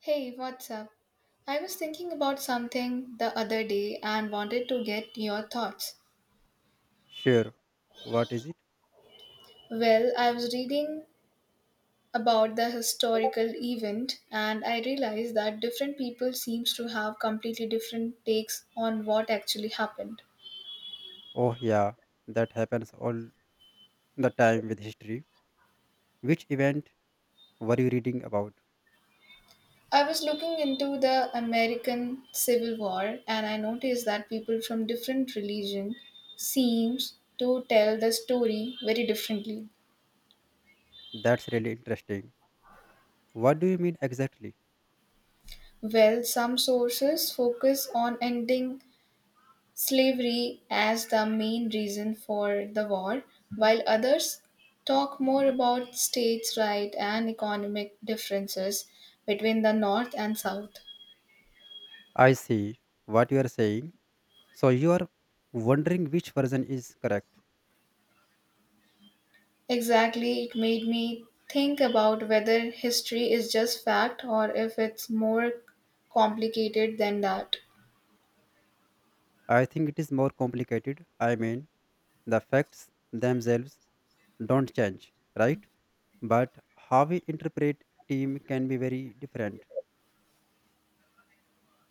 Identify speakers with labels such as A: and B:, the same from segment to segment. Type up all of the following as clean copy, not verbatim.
A: Hey, what's up? I was thinking about something the other day and wanted to get your thoughts.
B: Sure. What is it?
A: Well, I was reading about the historical event and I realized that different people seems to have completely different takes on what actually happened.
B: Oh, yeah, that happens all the time with history. Which event were you reading about?
A: I was looking into the American Civil War and I noticed that people from different religion seems to tell the story very differently.
B: That's really interesting. What do you mean exactly?
A: Well, some sources focus on ending slavery as the main reason for the war, while others talk more about states' rights and economic differences between the North and South.
B: I see what you are saying. So, you are wondering which version is correct.
A: Exactly, it made me think about whether history is just fact or if it's more complicated than that.
B: I think it is more complicated. I mean, the facts themselves don't change, right? But how we interpret team can be very different.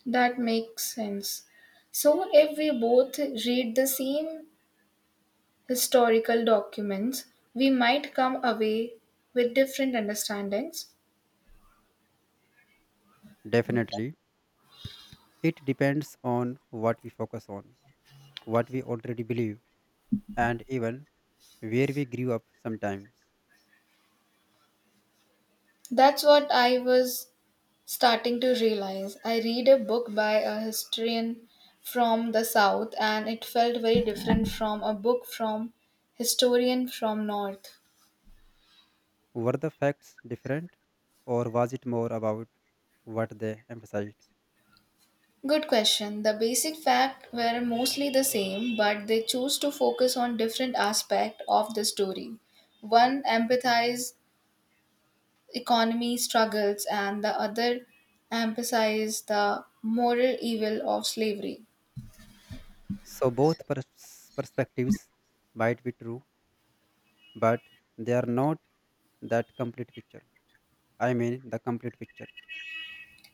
A: That makes sense. So, if we both read the same historical documents, we might come away with different understandings.
B: Definitely. It depends on what we focus on. What we already believe and even where we grew up sometimes.
A: That's what I was starting to realize. I read a book by a historian from the south and it felt very different from a book from historian from north.
B: Were the facts different or was it more about what they emphasized?
A: Good question. The basic facts were mostly the same, but they chose to focus on different aspects of the story. One emphasized economy struggles and the other emphasized the moral evil of slavery.
B: So, both perspectives might be true, but they are not that complete picture. I mean, the complete picture.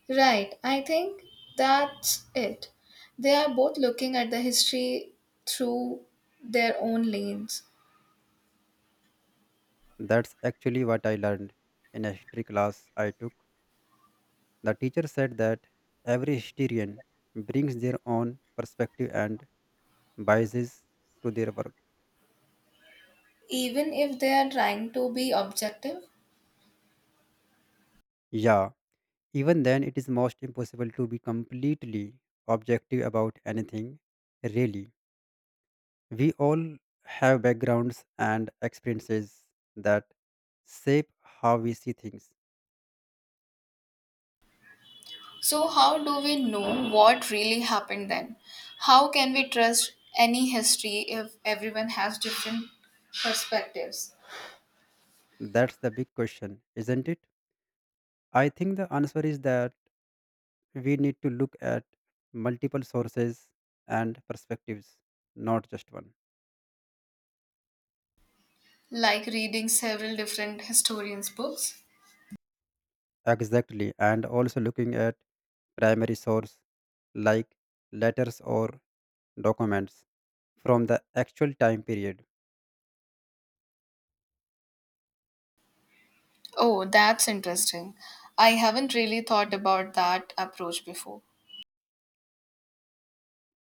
A: Right, I think that's it. They are both looking at the history through their own lanes,
B: That's actually what I learned in a history class I took. The teacher said that every historian brings their own perspective and biases to their work.
A: even if they are trying to be objective.
B: Yeah, even then, it is most impossible to be completely objective about anything, really. We all have backgrounds and experiences that shape how we see things.
A: So, how do we know what really happened then? How can we trust any history if everyone has different perspectives?
B: That's the big question, isn't it? I think the answer is that we need to look at multiple sources and perspectives, not just one.
A: Like reading several different historians' books?
B: Exactly, and also looking at primary source like letters or documents from the actual time period.
A: Oh, that's interesting. I haven't really thought about that approach before.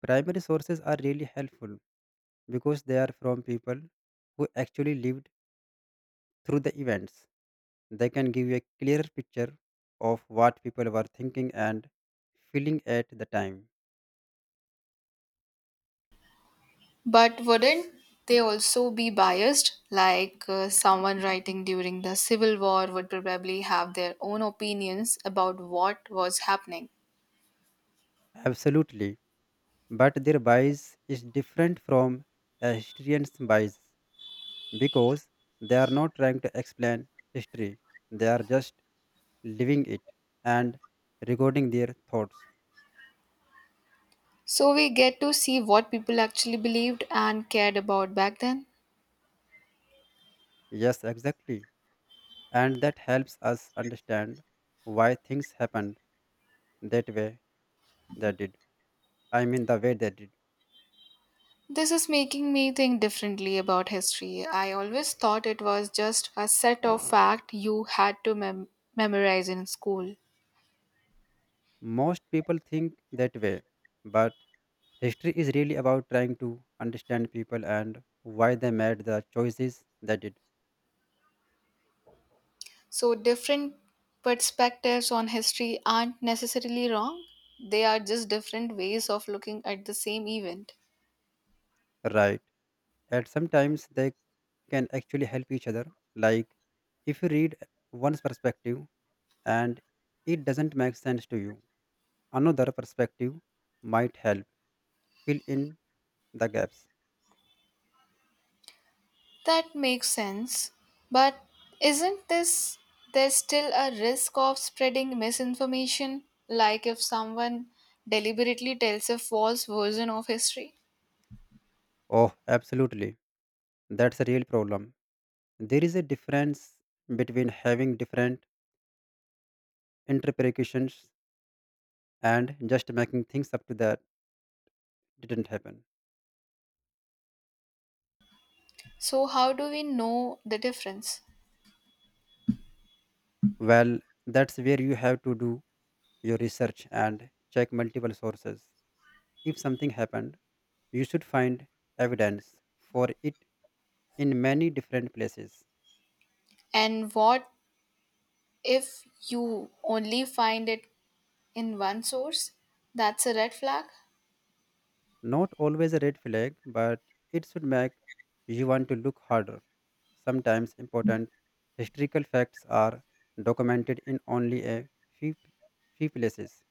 B: Primary sources are really helpful because they are from people who actually lived through the events. They can give you a clearer picture of what people were thinking and feeling at the time.
A: But wouldn't they also be biased? Like someone writing during the Civil War would probably have their own opinions about what was happening.
B: Absolutely. But their bias is different from a historian's bias because they are not trying to explain history, they are just living it and recording their thoughts.
A: So we get to see what people actually believed and cared about back then.
B: Yes, exactly. And that helps us understand why things happened that way they did. I mean, the way they did.
A: This is making me think differently about history. I always thought it was just a set of facts you had to memorize in school.
B: Most people think that way, but history is really about trying to understand people and why they made the choices they did
A: So, different perspectives on history aren't necessarily wrong, they are just different ways of looking at the same event.
B: right. And sometimes they can actually help each other. Like, if you read one's perspective and it doesn't make sense to you, another perspective might help fill in the gaps.
A: That makes sense. But isn't this there's still a risk of spreading misinformation? Like if someone deliberately tells a false version of history?
B: Oh, absolutely. That's a real problem. There is a difference between having different interpretations and just making things up to that didn't happen.
A: So, how do we know the difference?
B: Well, that's where you have to do your research and check multiple sources. If something happened, you should find evidence for it in many different places.
A: And what if you only find it in one source? That's a red flag.
B: Not always a red flag, but it should make you want to look harder. Sometimes important historical facts are documented in only a few places.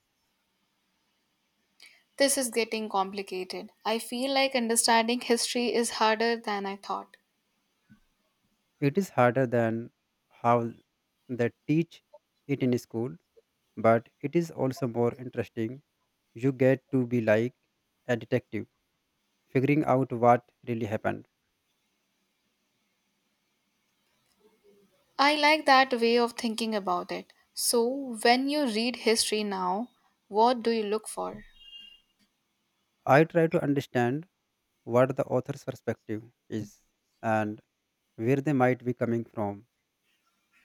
A: This is getting complicated. I feel like understanding history is harder than I thought.
B: It is harder than how they teach it in school, but it is also more interesting. You get to be like a detective, figuring out what really happened.
A: I like that way of thinking about it. So, when you read history now, what do you look for?
B: I try to understand what the author's perspective is and where they might be coming from.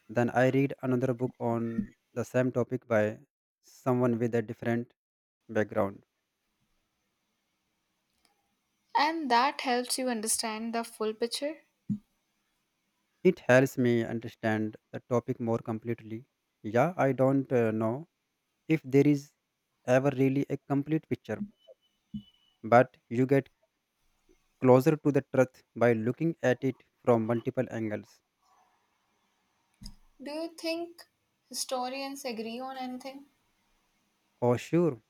B: Then I read another book on the same topic by someone with a different background.
A: And that helps you understand the full picture.
B: It helps me understand the topic more completely. Yeah, I don't know if there is ever really a complete picture, but you get closer to the truth by looking at it from multiple angles.
A: Do you think historians agree on anything?
B: Oh, sure,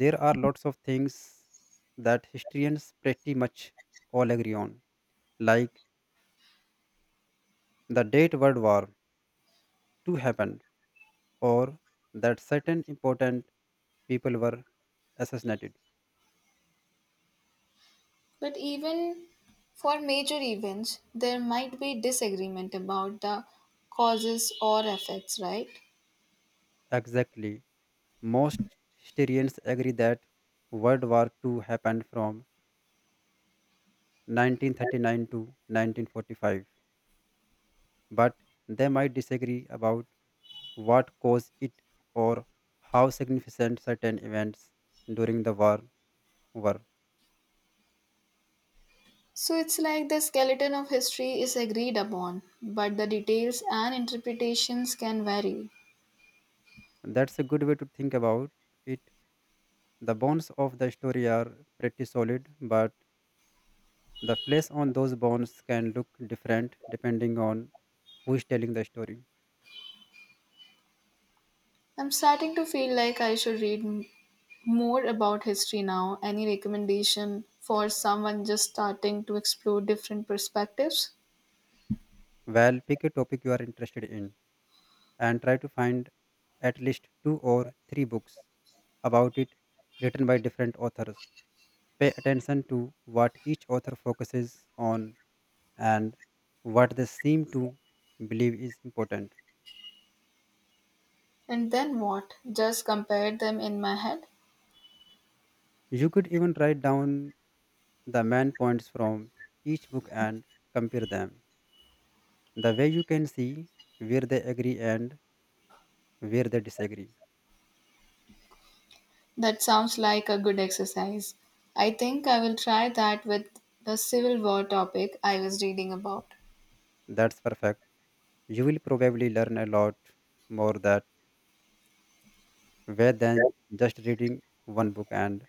B: there are lots of things that historians pretty much all agree on, like the date World War II happened or that certain important people were assassinated.
A: But even for major events, there might be disagreement about the causes or effects, right?
B: Exactly. Most historians agree that World War II happened from 1939 to 1945, but they might disagree about what caused it or how significant certain events during the war were.
A: So it's like the skeleton of history is agreed upon, but the details and interpretations can vary.
B: That's a good way to think about it. The bones of the story are pretty solid, but the flesh on those bones can look different depending on who is telling the story.
A: I'm starting to feel like I should read more about history now. Any recommendation for someone just starting to explore different perspectives?
B: Well, pick a topic you are interested in and try to find at least two or three books about it written by different authors. Pay attention to what each author focuses on and what they seem to believe is important.
A: And then what? Just compare them in my head?
B: You could even write down the main points from each book and compare them. The way you can see where they agree and where they disagree.
A: That sounds like a good exercise. I think I will try that with the Civil War topic I was reading about.
B: That's perfect. You will probably learn a lot more that way than just reading one book and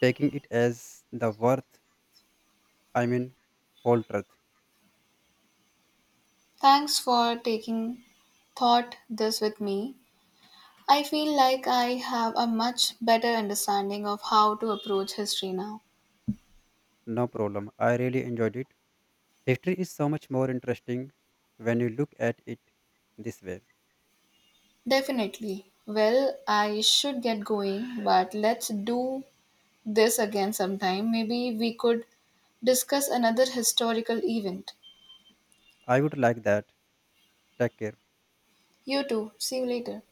B: taking it as the I mean, whole truth.
A: Thanks for taking thought this with me. I feel like I have a much better understanding of how to approach history now.
B: No problem. I really enjoyed it. History is so much more interesting when you look at it this way.
A: Definitely. Well, I should get going, but let's do this again sometime. Maybe we could discuss another historical event.
B: I would like that. Take care.
A: You too. See you later.